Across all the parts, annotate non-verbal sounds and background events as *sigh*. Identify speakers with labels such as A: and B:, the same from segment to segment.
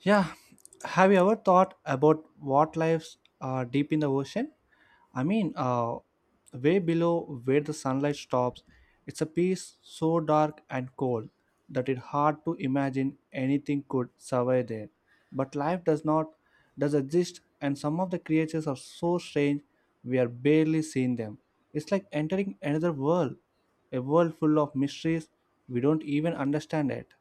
A: Yeah. Have you ever thought about what lives are deep in the ocean? I mean, uh, Way below where the sunlight stops, it's a piece so dark and cold that it's hard to imagine anything could survive there. But life does not does exist, and some of the creatures are so strange we are barely seeing them. It's like entering another world, a world full of mysteries we don't even understand yet.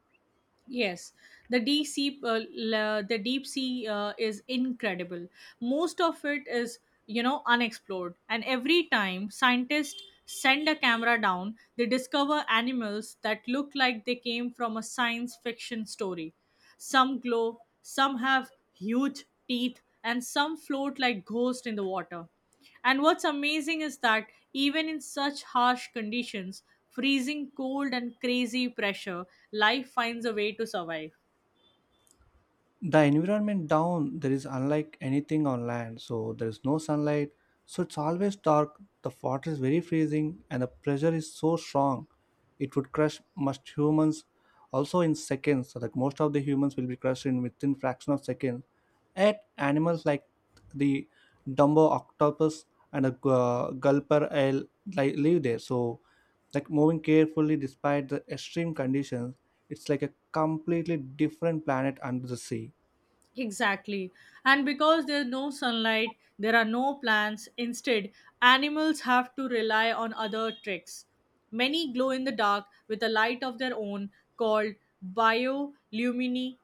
B: Yes, the deep sea, the deep sea is incredible. Most of it is, unexplored. And every time scientists send a camera down, they discover animals that look like they came from a science fiction story. Some glow, some have huge teeth, and some float like ghosts in the water. And what's amazing is that even in such harsh conditions, freezing cold and crazy pressure, life finds a way to survive.
A: The environment down there is unlike anything on land, so there is no sunlight, so it's always dark. The water is very freezing and the pressure is so strong it would crush most humans also in seconds. So like most of the humans will be crushed in within fraction of seconds at animals like the dumbo octopus and a gulper eel like live there. So like moving carefully despite the extreme conditions, it's like a completely different planet under the sea.
B: Exactly. And because there's no sunlight, there are no plants. Instead, animals have to rely on other tricks. Many glow in the dark with a light of their own called biolumini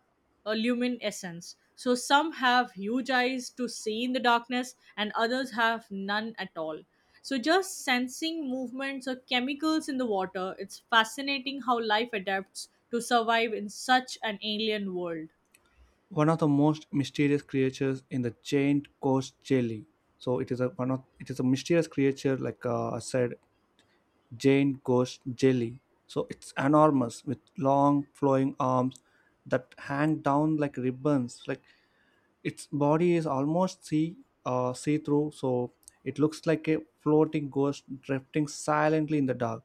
B: luminescence. So some have huge eyes to see in the darkness and others have none at all. So just sensing movements or chemicals in the water, it's fascinating how life adapts to survive in such an alien world.
A: One of the most mysterious creatures in the giant ghost jelly. So it is a mysterious creature, like I said, giant ghost jelly. So it's enormous with long flowing arms that hang down like ribbons. Like its body is almost see through, so it looks like a floating ghost drifting silently in the dark.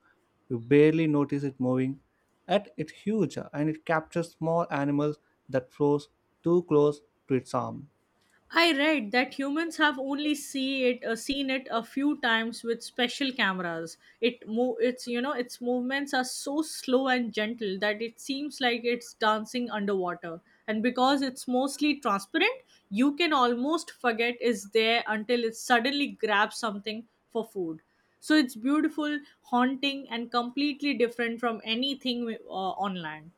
A: You barely notice it moving. Yet it's huge and it captures small animals that flows too close to its arm.
B: I read that humans have only seen it a few times with special cameras. It's its movements are so slow and gentle that it seems like it's dancing underwater. And because it's mostly transparent, you can almost forget it's there until it suddenly grabs something for food. So it's beautiful, haunting, and completely different from anything on land.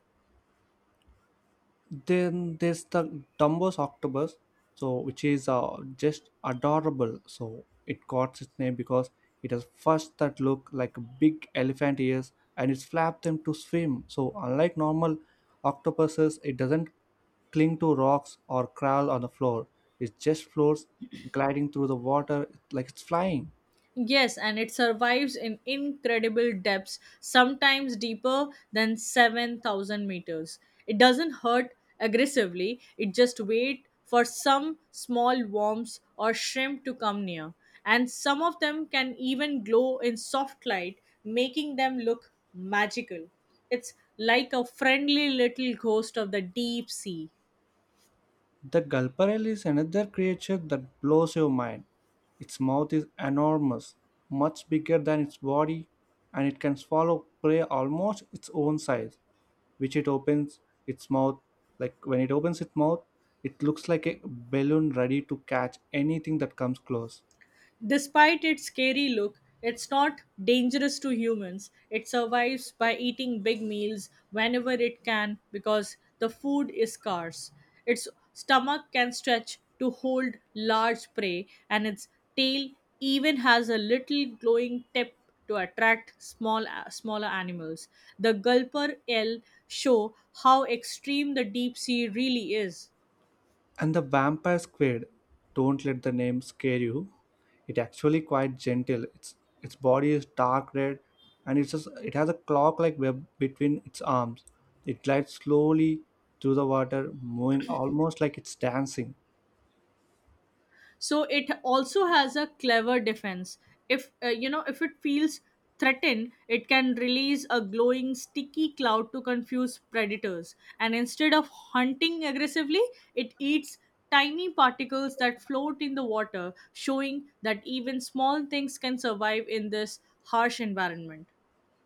A: Then there's the Dumbo's octopus, so which is just adorable. So it got its name because it has fish that look like big elephant ears and it's flap them to swim. So unlike normal octopuses, it doesn't cling to rocks or crawl on the floor. It just floats, gliding through the water like it's flying.
B: Yes, and it survives in incredible depths, sometimes deeper than 7,000 meters. It doesn't hurt aggressively, it just waits for some small worms or shrimp to come near. And some of them can even glow in soft light, making them look magical. It's like a friendly little ghost of the deep sea.
A: The gulparel is another creature that blows your mind. Its mouth is enormous, much bigger than its body, and it can swallow prey almost its own size, which it opens its mouth like when it opens its mouth, it looks like a balloon ready to catch anything that comes close.
B: Despite its scary look, it's not dangerous to humans. It survives by eating big meals whenever it can because the food is scarce. Its stomach can stretch to hold large prey, and its tail even has a little glowing tip to attract small smaller animals. The gulper eel show how extreme the deep sea really is.
A: And the vampire squid, don't let the name scare you. It actually quite gentle. Its body is dark red, and it has a clock-like web between its arms. It glides slowly through the water, moving almost like it's dancing.
B: So it also has a clever defense if if it feels threatened. It can release a glowing sticky cloud to confuse predators, and instead of hunting aggressively, it eats tiny particles that float in the water, showing that even small things can survive in this harsh environment.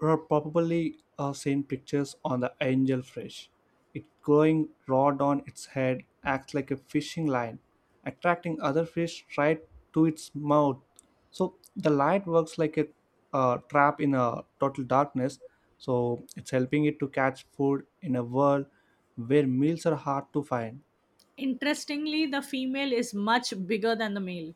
A: Are probably seen pictures on the angel fish. It glowing rod on its head acts like a fishing line, attracting other fish right to its mouth. So the light works like a trap in a total darkness. So it's helping it to catch food in a world where meals are hard to find.
B: Interestingly, the female is much bigger than the male.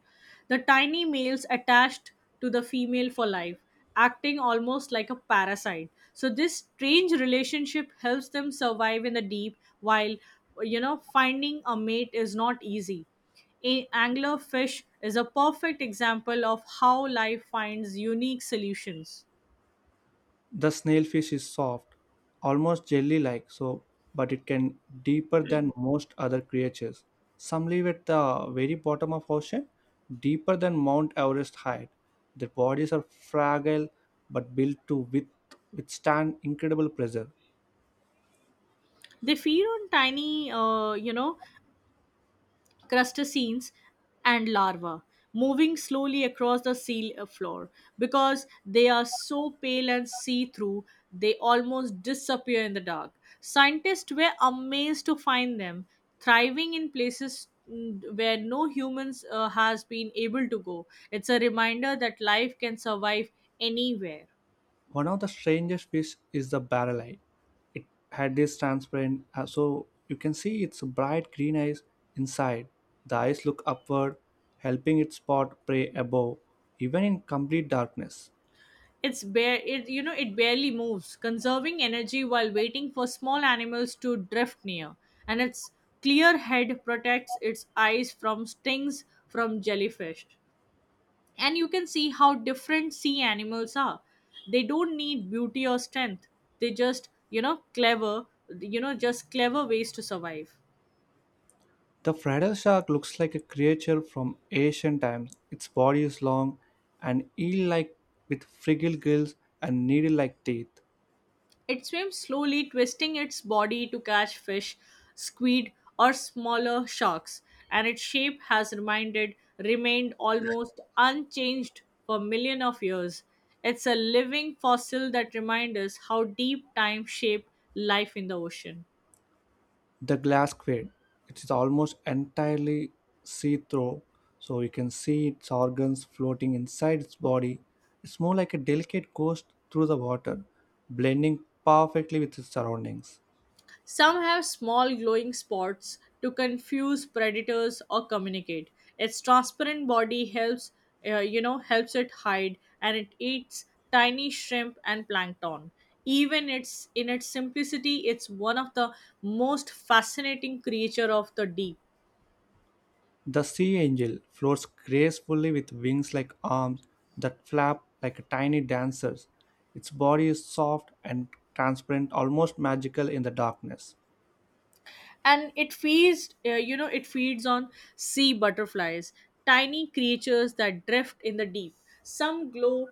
B: The tiny males attached to the female for life, acting almost like a parasite. So this strange relationship helps them survive in the deep while finding a mate is not easy. Anglerfish is a perfect example of how life finds unique solutions.
A: The snailfish is soft, almost jelly-like, so but it can deeper than most other creatures. Some live at the very bottom of ocean, deeper than Mount Everest height. Their bodies are fragile but built to withstand incredible pressure.
B: They feed on tiny, crustaceans, and larvae, moving slowly across the sea floor. Because they are so pale and see through, they almost disappear in the dark. Scientists were amazed to find them thriving in places where no humans has been able to go. It's a reminder that life can survive anywhere.
A: One of the strangest fish is the barrel eye. It had this transparent, so you can see its bright green eyes inside. The eyes look upward, helping it spot prey above, even in complete darkness.
B: It's bare it you know it barely moves, conserving energy while waiting for small animals to drift near. And its clear head protects its eyes from stings from jellyfish, and you can see how different sea animals are. They don't need beauty or strength. They just you know clever you know just clever ways to survive.
A: The Fredel shark looks like a creature from ancient times. Its body is long and eel like, with frigid gills and needle like teeth.
B: It swims slowly, twisting its body to catch fish, squid, or smaller sharks, and its remained almost unchanged for millions of years. It's a living fossil that reminds us how deep time shaped life in the ocean.
A: The glass squid, it is almost entirely see-through, so you can see its organs floating inside its body. It's more like a delicate ghost through the water, blending perfectly with its surroundings.
B: Some have small glowing spots to confuse predators or communicate. Its transparent body helps, helps it hide, and it eats tiny shrimp and plankton. Even its in its simplicity, it's one of the most fascinating creature of the deep.
A: The sea angel floats gracefully with wings like arms that flap like tiny dancers. Its body is soft and transparent, almost magical in the darkness.
B: And it feeds it feeds on sea butterflies, tiny creatures that drift in the deep. Some glow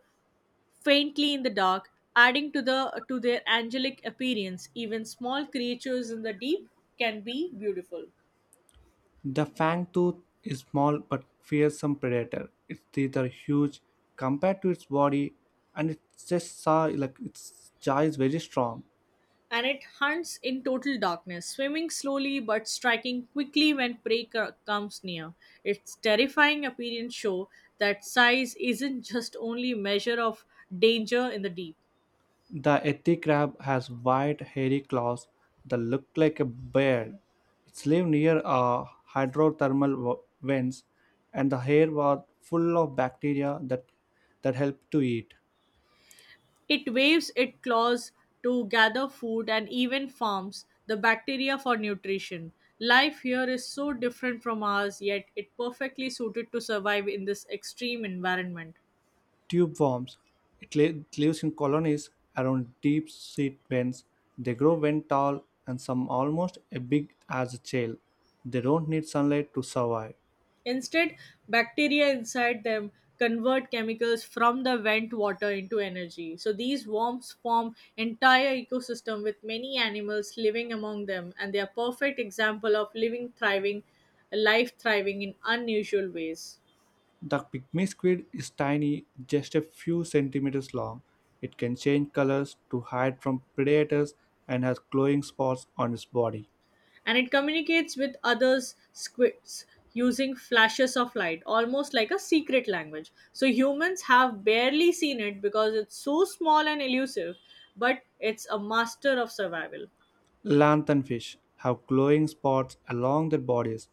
B: faintly in the dark, adding to their angelic appearance. Even small creatures in the deep can be beautiful.
A: The fangtooth is small but fearsome predator. Its teeth are huge compared to its body, and its just saw like its jaw is very strong.
B: And it hunts in total darkness, swimming slowly but striking quickly when comes near. Its terrifying appearance show that size isn't just only measure of danger in the deep.
A: The eti crab has wide, hairy claws that look like a beard. It lives near hydrothermal vents, and the hair was full of bacteria that help to eat.
B: It waves its claws to gather food and even farms the bacteria for nutrition. Life here is so different from ours, yet it perfectly suited to survive in this extreme environment.
A: Tubeworms. It lives in colonies around deep seat vents. They grow when tall and some almost as big as a shell. They don't need sunlight to survive.
B: Instead, bacteria inside them convert chemicals from the vent water into energy. So these worms form entire ecosystem with many animals living among them, and they are perfect example of living thriving life thriving in unusual ways.
A: The pygmy squid is tiny, just a few centimeters long. It can change colors to hide from predators and has glowing spots on its body.
B: And it communicates with others squids using flashes of light, almost like a secret language. So humans have barely seen it because it's so small and elusive, but it's a master of survival.
A: Lanthanfish have glowing spots along their bodies,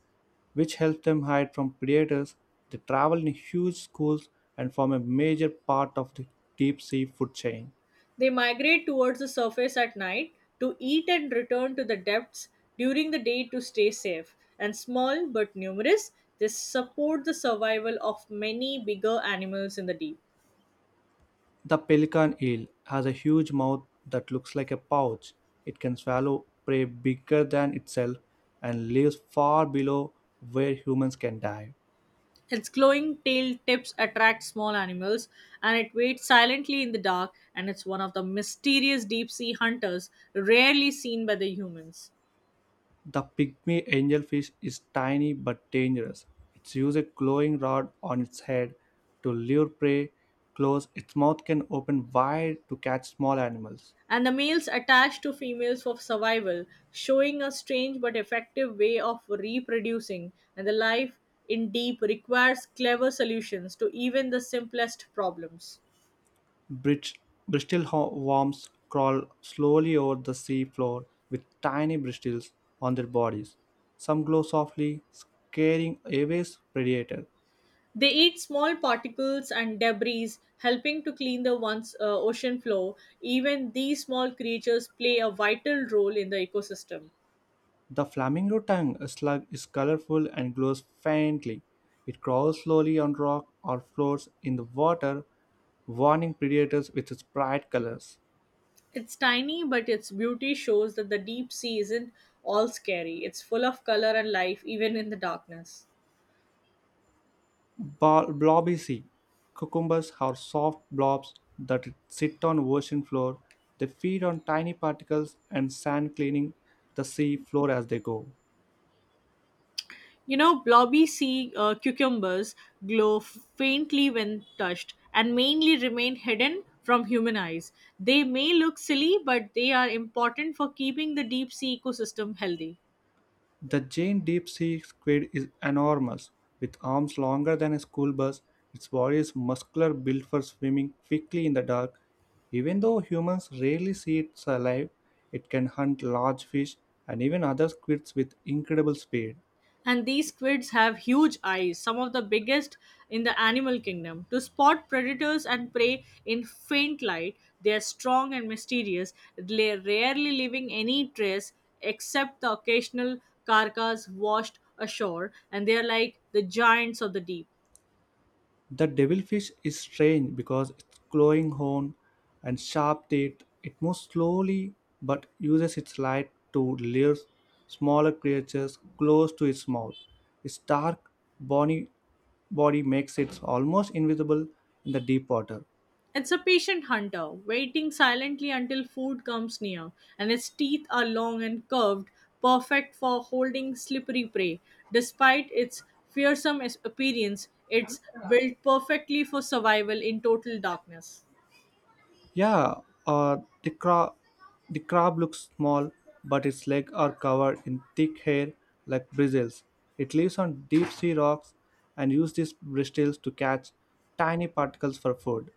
A: which help them hide from predators. They travel in huge schools and form a major part of the deep sea food chain.
B: They migrate towards the surface at night to eat and return to the depths during the day to stay safe. And small but numerous, they support the survival of many bigger animals in the deep.
A: The pelican eel has a huge mouth that looks like a pouch. It can swallow prey bigger than itself and lives far below where humans can dive.
B: Its glowing tail tips attract small animals, and it waits silently in the dark. And it's one of the mysterious deep sea hunters rarely seen by the humans.
A: The pygmy angelfish is tiny but dangerous. It uses a glowing rod on its head to lure prey close. Its mouth can open wide to catch small animals.
B: And the males attach to females for survival, showing a strange but effective way of reproducing. And the life in deep requires clever solutions to even the simplest problems.
A: Bridge, Bristol worms crawl slowly over the sea floor with tiny bristles on their bodies. Some glow softly, scaring away predators.
B: They eat small particles and debris, helping to clean the once ocean floor. Even these small creatures play a vital role in the ecosystem.
A: The flamingo tongue slug is colorful and glows faintly. It crawls slowly on rock or floats in the water, warning predators with its bright colors.
B: It's tiny, but its beauty shows that the deep sea isn't all scary. It's full of color and life, even in the darkness.
A: Blobby sea. Cucumbers are soft blobs that sit on ocean floor. They feed on tiny particles and sand cleaning the sea floor as they go.
B: You know, blobby sea cucumbers glow faintly when touched and mainly remain hidden from human eyes. They may look silly, but they are important for keeping the deep sea ecosystem healthy.
A: The giant deep sea squid is enormous, with arms longer than a school bus. Its body is muscular, built for swimming quickly in the dark. Even though humans rarely see it alive, it can hunt large fish and even other squids with incredible speed.
B: And these squids have huge eyes, some of the biggest in the animal kingdom, to spot predators and prey in faint light. They are strong and mysterious, they rarely leaving any trace except the occasional carcass washed ashore, and they are like the giants of the deep.
A: The devilfish is strange because its glowing horn and sharp teeth, it moves slowly but uses its light to lure smaller creatures close to its mouth. Its dark bony body makes it almost invisible in the deep water.
B: It's a patient hunter, waiting silently until food comes near, and its teeth are long and curved, perfect for holding slippery prey. Despite its appearance, it's built perfectly for survival in total darkness.
A: Yeah, uh, the crab looks small, but its legs are covered in thick hair like bristles. It lives on deep sea rocks and uses these bristles to catch tiny particles for food.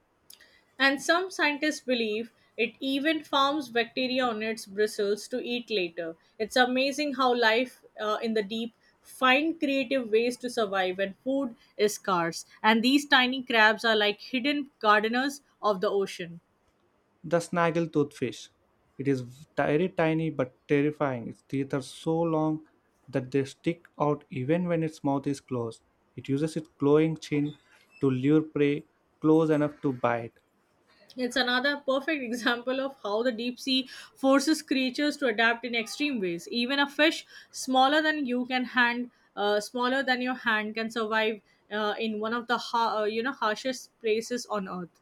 B: And some scientists believe it even farms bacteria on its bristles to eat later. It's amazing how life in the deep find creative ways to survive when food is scarce. And these tiny crabs are like hidden gardeners of the ocean.
A: The snaggletooth fish. It is very tiny but terrifying. Its teeth are so long that they stick out even when its mouth is closed. It uses its glowing chin to lure prey close enough to bite.
B: It's another perfect *laughs* example of how the deep sea forces creatures to adapt in extreme ways. Even a fish smaller than your hand, can survive in one of the harshest places on earth.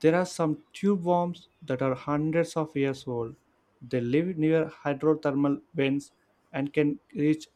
A: There are some tube worms that are hundreds of years old. They live near hydrothermal vents and can reach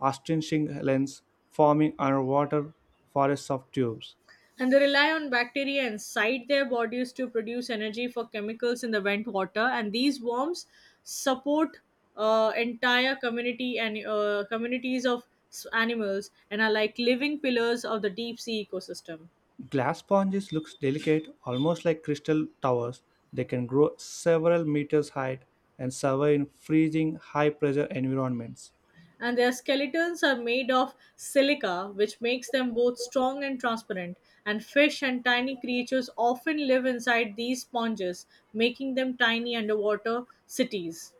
A: astonishing lengths, forming underwater forests of tubes.
B: And they rely on bacteria inside their bodies to produce energy for chemicals in the vent water, and these worms support entire community and communities of animals and are like living pillars of the deep sea ecosystem.
A: Glass sponges look delicate, almost like crystal towers. They can grow several meters high and survive in freezing, high pressure environments.
B: And their skeletons are made of silica, which makes them both strong and transparent. And fish and tiny creatures often live inside these sponges, making them tiny underwater cities.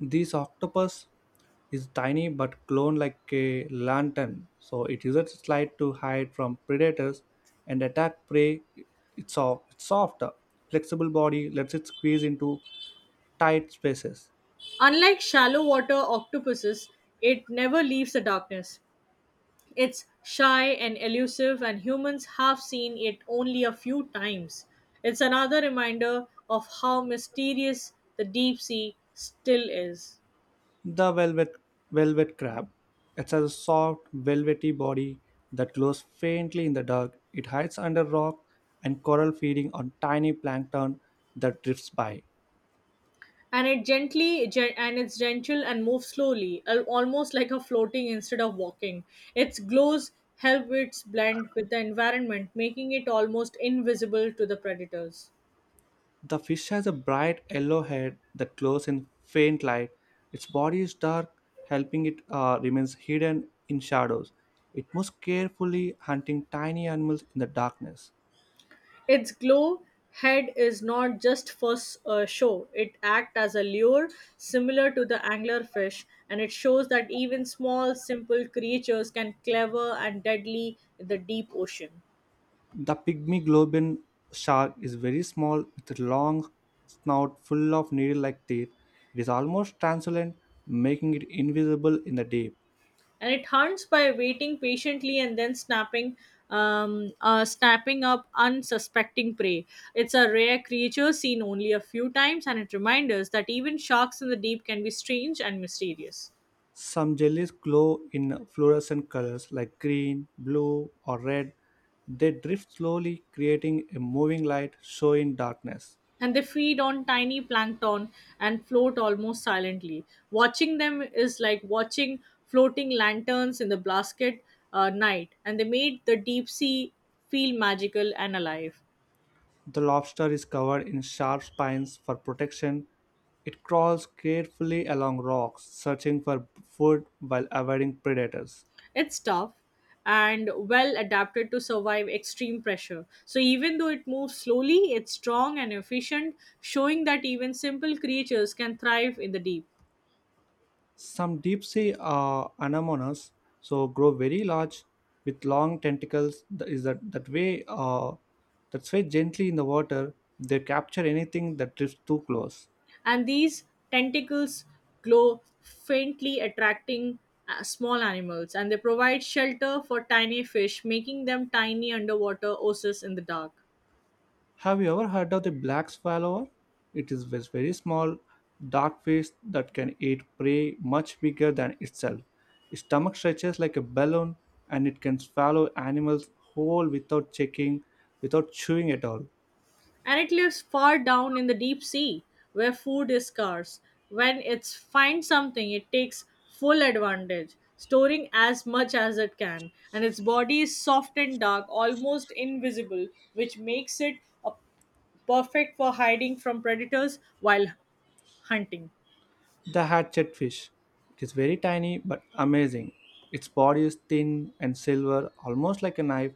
A: This octopus is tiny but glowing like a lantern, so it uses its light to hide from predators and attack prey. It's soft, flexible body lets it squeeze into tight spaces.
B: Unlike shallow water octopuses, it never leaves the darkness. It's shy and elusive, and humans have seen it only a few times. It's another reminder of how mysterious the deep sea still is.
A: The velvet crab. It has a soft, velvety body that glows faintly in the dark. It hides under rock and coral, feeding on tiny plankton that drifts by.
B: And it's gentle and moves slowly, almost like a floating instead of walking. Its glows help it blend with the environment, making it almost invisible to the predators.
A: The fish has a bright yellow head that glows in faint light. Its body is dark, helping it remains hidden in shadows. It moves carefully, hunting tiny animals in the darkness.
B: Its glow head is not just for show, it acts as a lure similar to the anglerfish, and it shows that even small, simple creatures can clever and deadly in the deep ocean.
A: The pygmy globin shark is very small, with a long snout full of needle-like teeth. It is almost translucent, making it invisible in the deep.
B: And it hunts by waiting patiently and then snapping up unsuspecting prey. It's a rare creature seen only a few times, and it reminds us that even sharks in the deep can be strange and mysterious.
A: Some jellies glow in fluorescent colors like green, blue, or red. They drift slowly, creating a moving light show in darkness.
B: And they feed on tiny plankton and float almost silently. Watching them is like watching floating lanterns in the basket night, and they made the deep sea feel magical and alive.
A: The lobster is covered in sharp spines for protection. It crawls carefully along rocks, searching for food while avoiding predators.
B: It's tough and well adapted to survive extreme pressure. So, even though it moves slowly, it's strong and efficient, showing that even simple creatures can thrive in the deep.
A: Some deep sea anemones so grow very large with long tentacles. Is that way? That sway gently in the water. They capture anything that drifts too close.
B: And these tentacles glow faintly, attracting small animals, and they provide shelter for tiny fish, making them tiny underwater oases in the dark.
A: Have you ever heard of the black swallower? It is this very small, dark fish that can eat prey much bigger than itself. Its stomach stretches like a balloon, and it can swallow animals whole without checking, without chewing at all.
B: And it lives far down in the deep sea, where food is scarce. When it finds something, it takes full advantage, storing as much as it can. And its body is soft and dark, almost invisible, which makes it a perfect for hiding from predators while hunting.
A: The hatchetfish. It is very tiny but amazing. Its body is thin and silver, almost like a knife,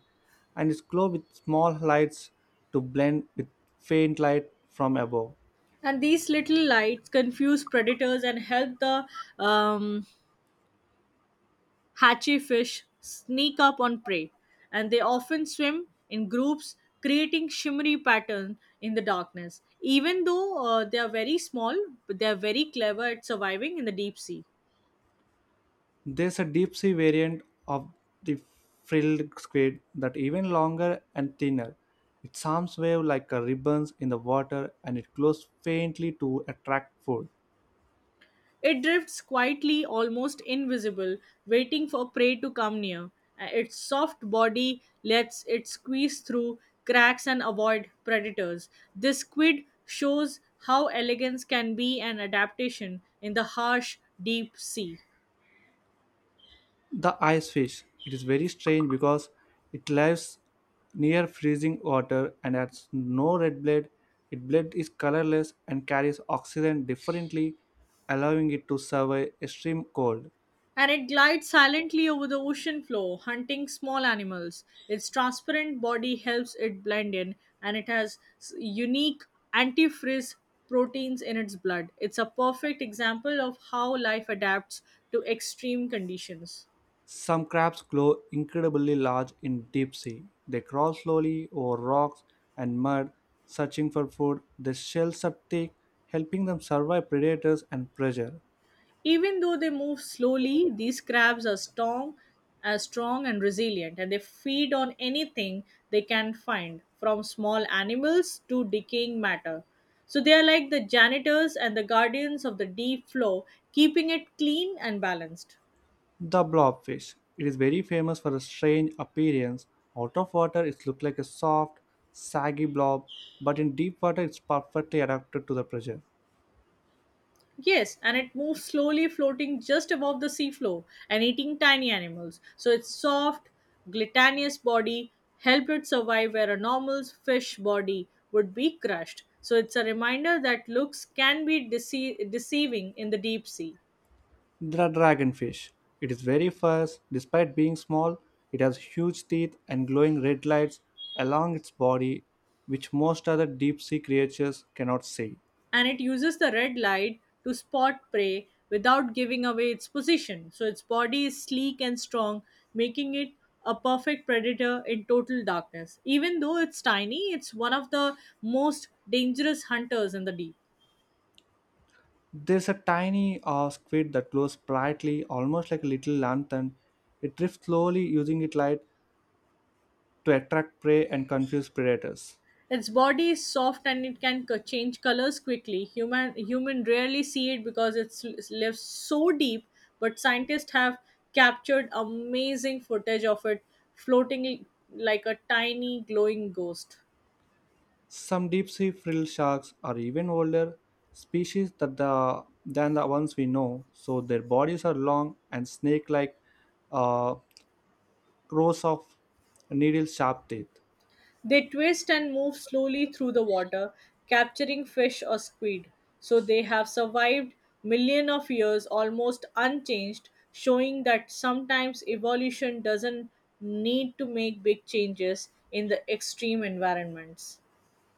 A: and is glow with small lights to blend with faint light from above.
B: And these little lights confuse predators and help the um hatchy fish sneak up on prey. And they often swim in groups, creating shimmery pattern in the darkness. Even though they are very small, but they are very clever at surviving in the deep sea.
A: There's a deep sea variant of the frilled squid that even longer and thinner. Its arms wave like a ribbons in the water and it glows faintly to attract food.
B: It drifts quietly, almost invisible, waiting for prey to come near. Its soft body lets it squeeze through cracks and avoid predators. This squid shows how elegance can be an adaptation in the harsh, deep sea.
A: The ice fish. It is very strange because it lives near freezing water and has no red blood. Its blood is colorless and carries oxygen differently, allowing it to survive extreme cold.
B: And it glides silently over the ocean floor, hunting small animals. Its transparent body helps it blend in, and it has unique antifreeze proteins in its blood. It's a perfect example of how life adapts to extreme conditions.
A: Some crabs grow incredibly large in deep sea. They crawl slowly over rocks and mud, searching for food. Their shells are thick, helping them survive predators and pressure.
B: Even though they move slowly, these crabs are strong and resilient, and they feed on anything they can find, from small animals to decaying matter. So they are like the janitors and the guardians of the deep floor, keeping it clean and balanced.
A: The blobfish. It is very famous for its strange appearance. Out of water, it looks like a soft, saggy blob, but in deep water, it's perfectly adapted to the pressure.
B: Yes, and it moves slowly, floating just above the seafloor and eating tiny animals. So its soft, glutinous body helped it survive where a normal fish body would be crushed. So it's a reminder that looks can be deceiving in the deep sea.
A: The dragonfish. It is very fast. Despite being small, it has huge teeth and glowing red lights along its body, which most other deep sea creatures cannot see.
B: And it uses the red light to spot prey without giving away its position. So its body is sleek and strong, making it a perfect predator in total darkness. Even though it's tiny, it's one of the most dangerous hunters in the deep.
A: There's a tiny squid that glows brightly, almost like a little lantern. It drifts slowly using its light to attract prey and confuse predators.
B: Its body is soft and it can change colors quickly. Human rarely see it because it lives so deep, but scientists have captured amazing footage of it floating like a tiny glowing ghost.
A: Some deep sea frill sharks are even older species than the ones we know, so their bodies are long and snake like uh, rows of needle sharp teeth.
B: They twist and move slowly through the water, capturing fish or squid. So they have survived millions of years almost unchanged, showing that sometimes evolution doesn't need to make big changes in the extreme environments.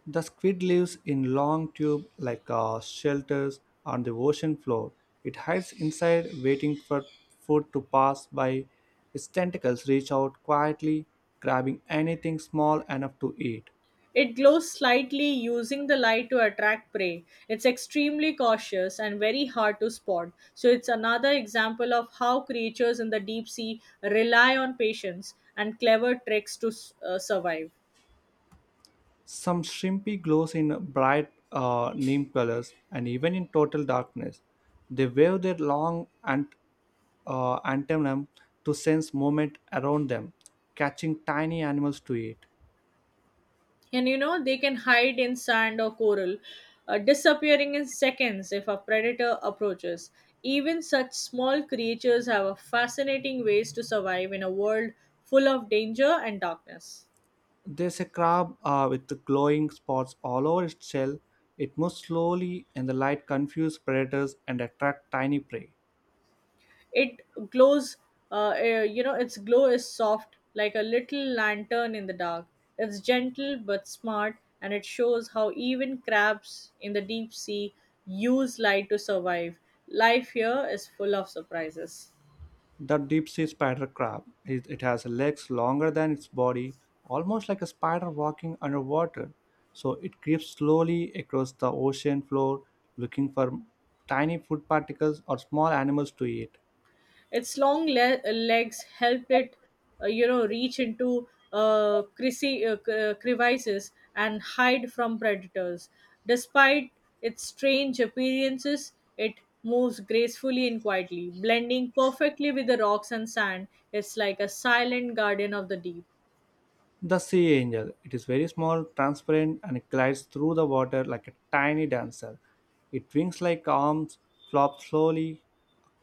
A: The squid lives in long tube like shelters on the ocean floor. It hides inside, waiting for food to pass by. Its tentacles reach out quietly, grabbing anything small enough to eat.
B: It glows slightly, using the light to attract prey. It's extremely cautious and very hard to spot. So, it's another example of how creatures in the deep sea rely on patience and clever tricks to survive.
A: Some shrimpy glows in bright neon colors, and even in total darkness, they wave their long antennum to sense movement around them, catching tiny animals to eat.
B: And you know, they can hide in sand or coral, disappearing in seconds if a predator approaches. Even such small creatures have a fascinating ways to survive in a world full of danger and darkness.
A: There's a crab with the glowing spots all over its shell. It moves slowly, and the light confuses predators and attracts tiny prey.
B: It glows, you know, its glow is soft like a little lantern in the dark. It's gentle but smart, and it shows how even crabs in the deep sea use light to survive. Life here is full of surprises.
A: The deep sea spider crab. It has legs longer than its body, almost like a spider walking underwater. So it creeps slowly across the ocean floor looking for tiny food particles or small animals to eat.
B: Its long legs help it, you know, reach into creasy, crevices and hide from predators. Despite its strange appearances, it moves gracefully and quietly, blending perfectly with the rocks and sand. It's like a silent guardian of the deep.
A: The sea angel. It is very small, transparent, and it glides through the water like a tiny dancer. It wings like arms, flops slowly,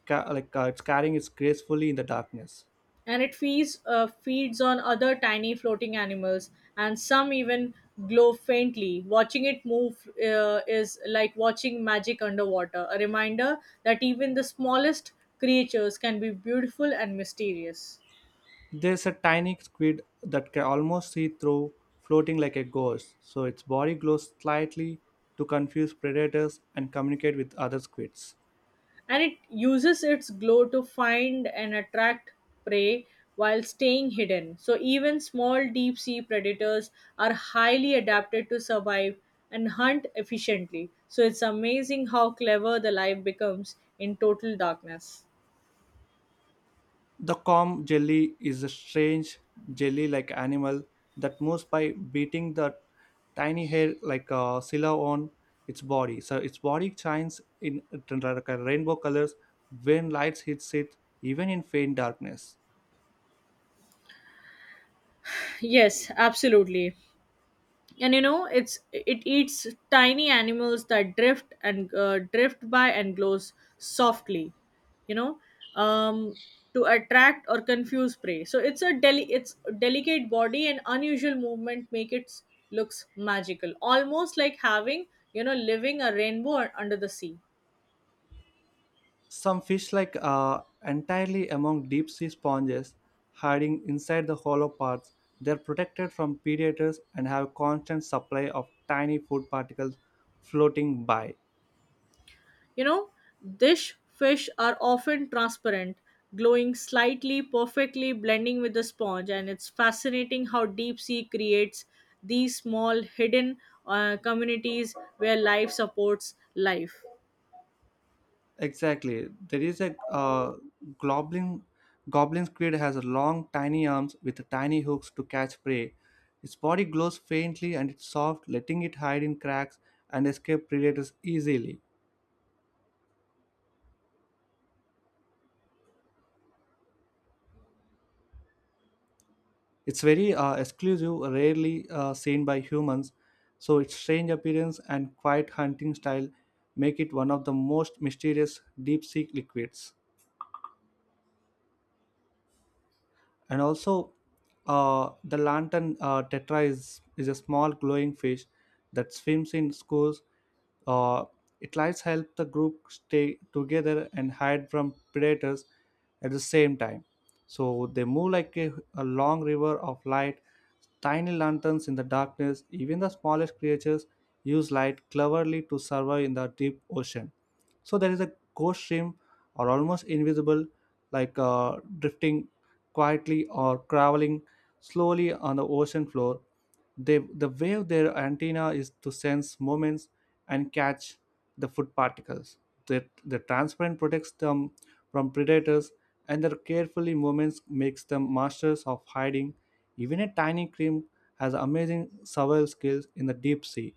A: like it's carrying it gracefully in the darkness.
B: And it feeds on other tiny floating animals, and some even glow faintly. Watching it move is like watching magic underwater, a reminder that even the smallest creatures can be beautiful and mysterious.
A: There's a tiny squid that can almost see through, floating like a ghost, so its body glows slightly to confuse predators and communicate with other squids.
B: And it uses its glow to find and attract prey while staying hidden. So, even small deep sea predators are highly adapted to survive and hunt efficiently. So, it's amazing how clever the life becomes in total darkness.
A: The calm jelly is a strange jelly like animal that moves by beating the tiny hair like a sila on its body. So its body shines in like a rainbow colors when light hits it, even in faint darkness.
B: *laughs* Yes, absolutely. And you know, it eats tiny animals that drift by and glows softly, you know um to attract or confuse prey. So it's a deli it's delicate body and unusual movement make it looks magical, almost like having, you know, living a rainbow under the sea.
A: Some fish like are entirely among deep sea sponges, hiding inside the hollow parts. They're protected from predators and have constant supply of tiny food particles floating by.
B: You know, dish fish are often transparent, glowing slightly, perfectly blending with the sponge, and it's fascinating how deep sea creates these small hidden communities where life supports life.
A: Exactly. There is a goblin goblin squid has long tiny arms with tiny hooks to catch prey. Its body glows faintly and it's soft, letting it hide in cracks and escape predators easily. It's very exclusive, rarely seen by humans, so its strange appearance and quiet hunting style make it one of the most mysterious deep sea liquids. And also, the lantern tetra is a small glowing fish that swims in schools. Uh, it lights help the group stay together and hide from predators at the same time. So they move like a long river of light. Tiny lanterns in the darkness, even the smallest creatures use light cleverly to survive in the deep ocean. So there is a ghost shrimp or almost invisible, like drifting quietly or traveling slowly on the ocean floor. The way their antenna is to sense movements and catch the food particles. That the transparent protects them from predators, and their carefully movements makes them masters of hiding. Even a tiny shrimp has amazing survival skills in the deep sea,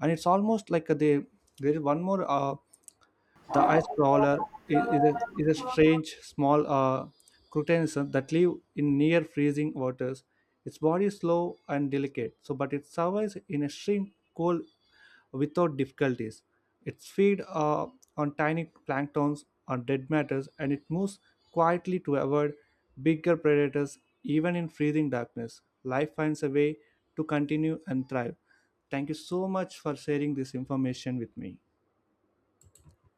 A: and it's almost like they there is one more. The ice crawler is a strange, small crustacean that live in near freezing waters. Its body is slow and delicate, so but it survives in extreme cold without difficulties. It feeds on tiny planktons on dead matters, and it moves quietly to avoid bigger predators. Even in freezing darkness, life finds a way to continue and thrive. Thank you so much for sharing this information with me.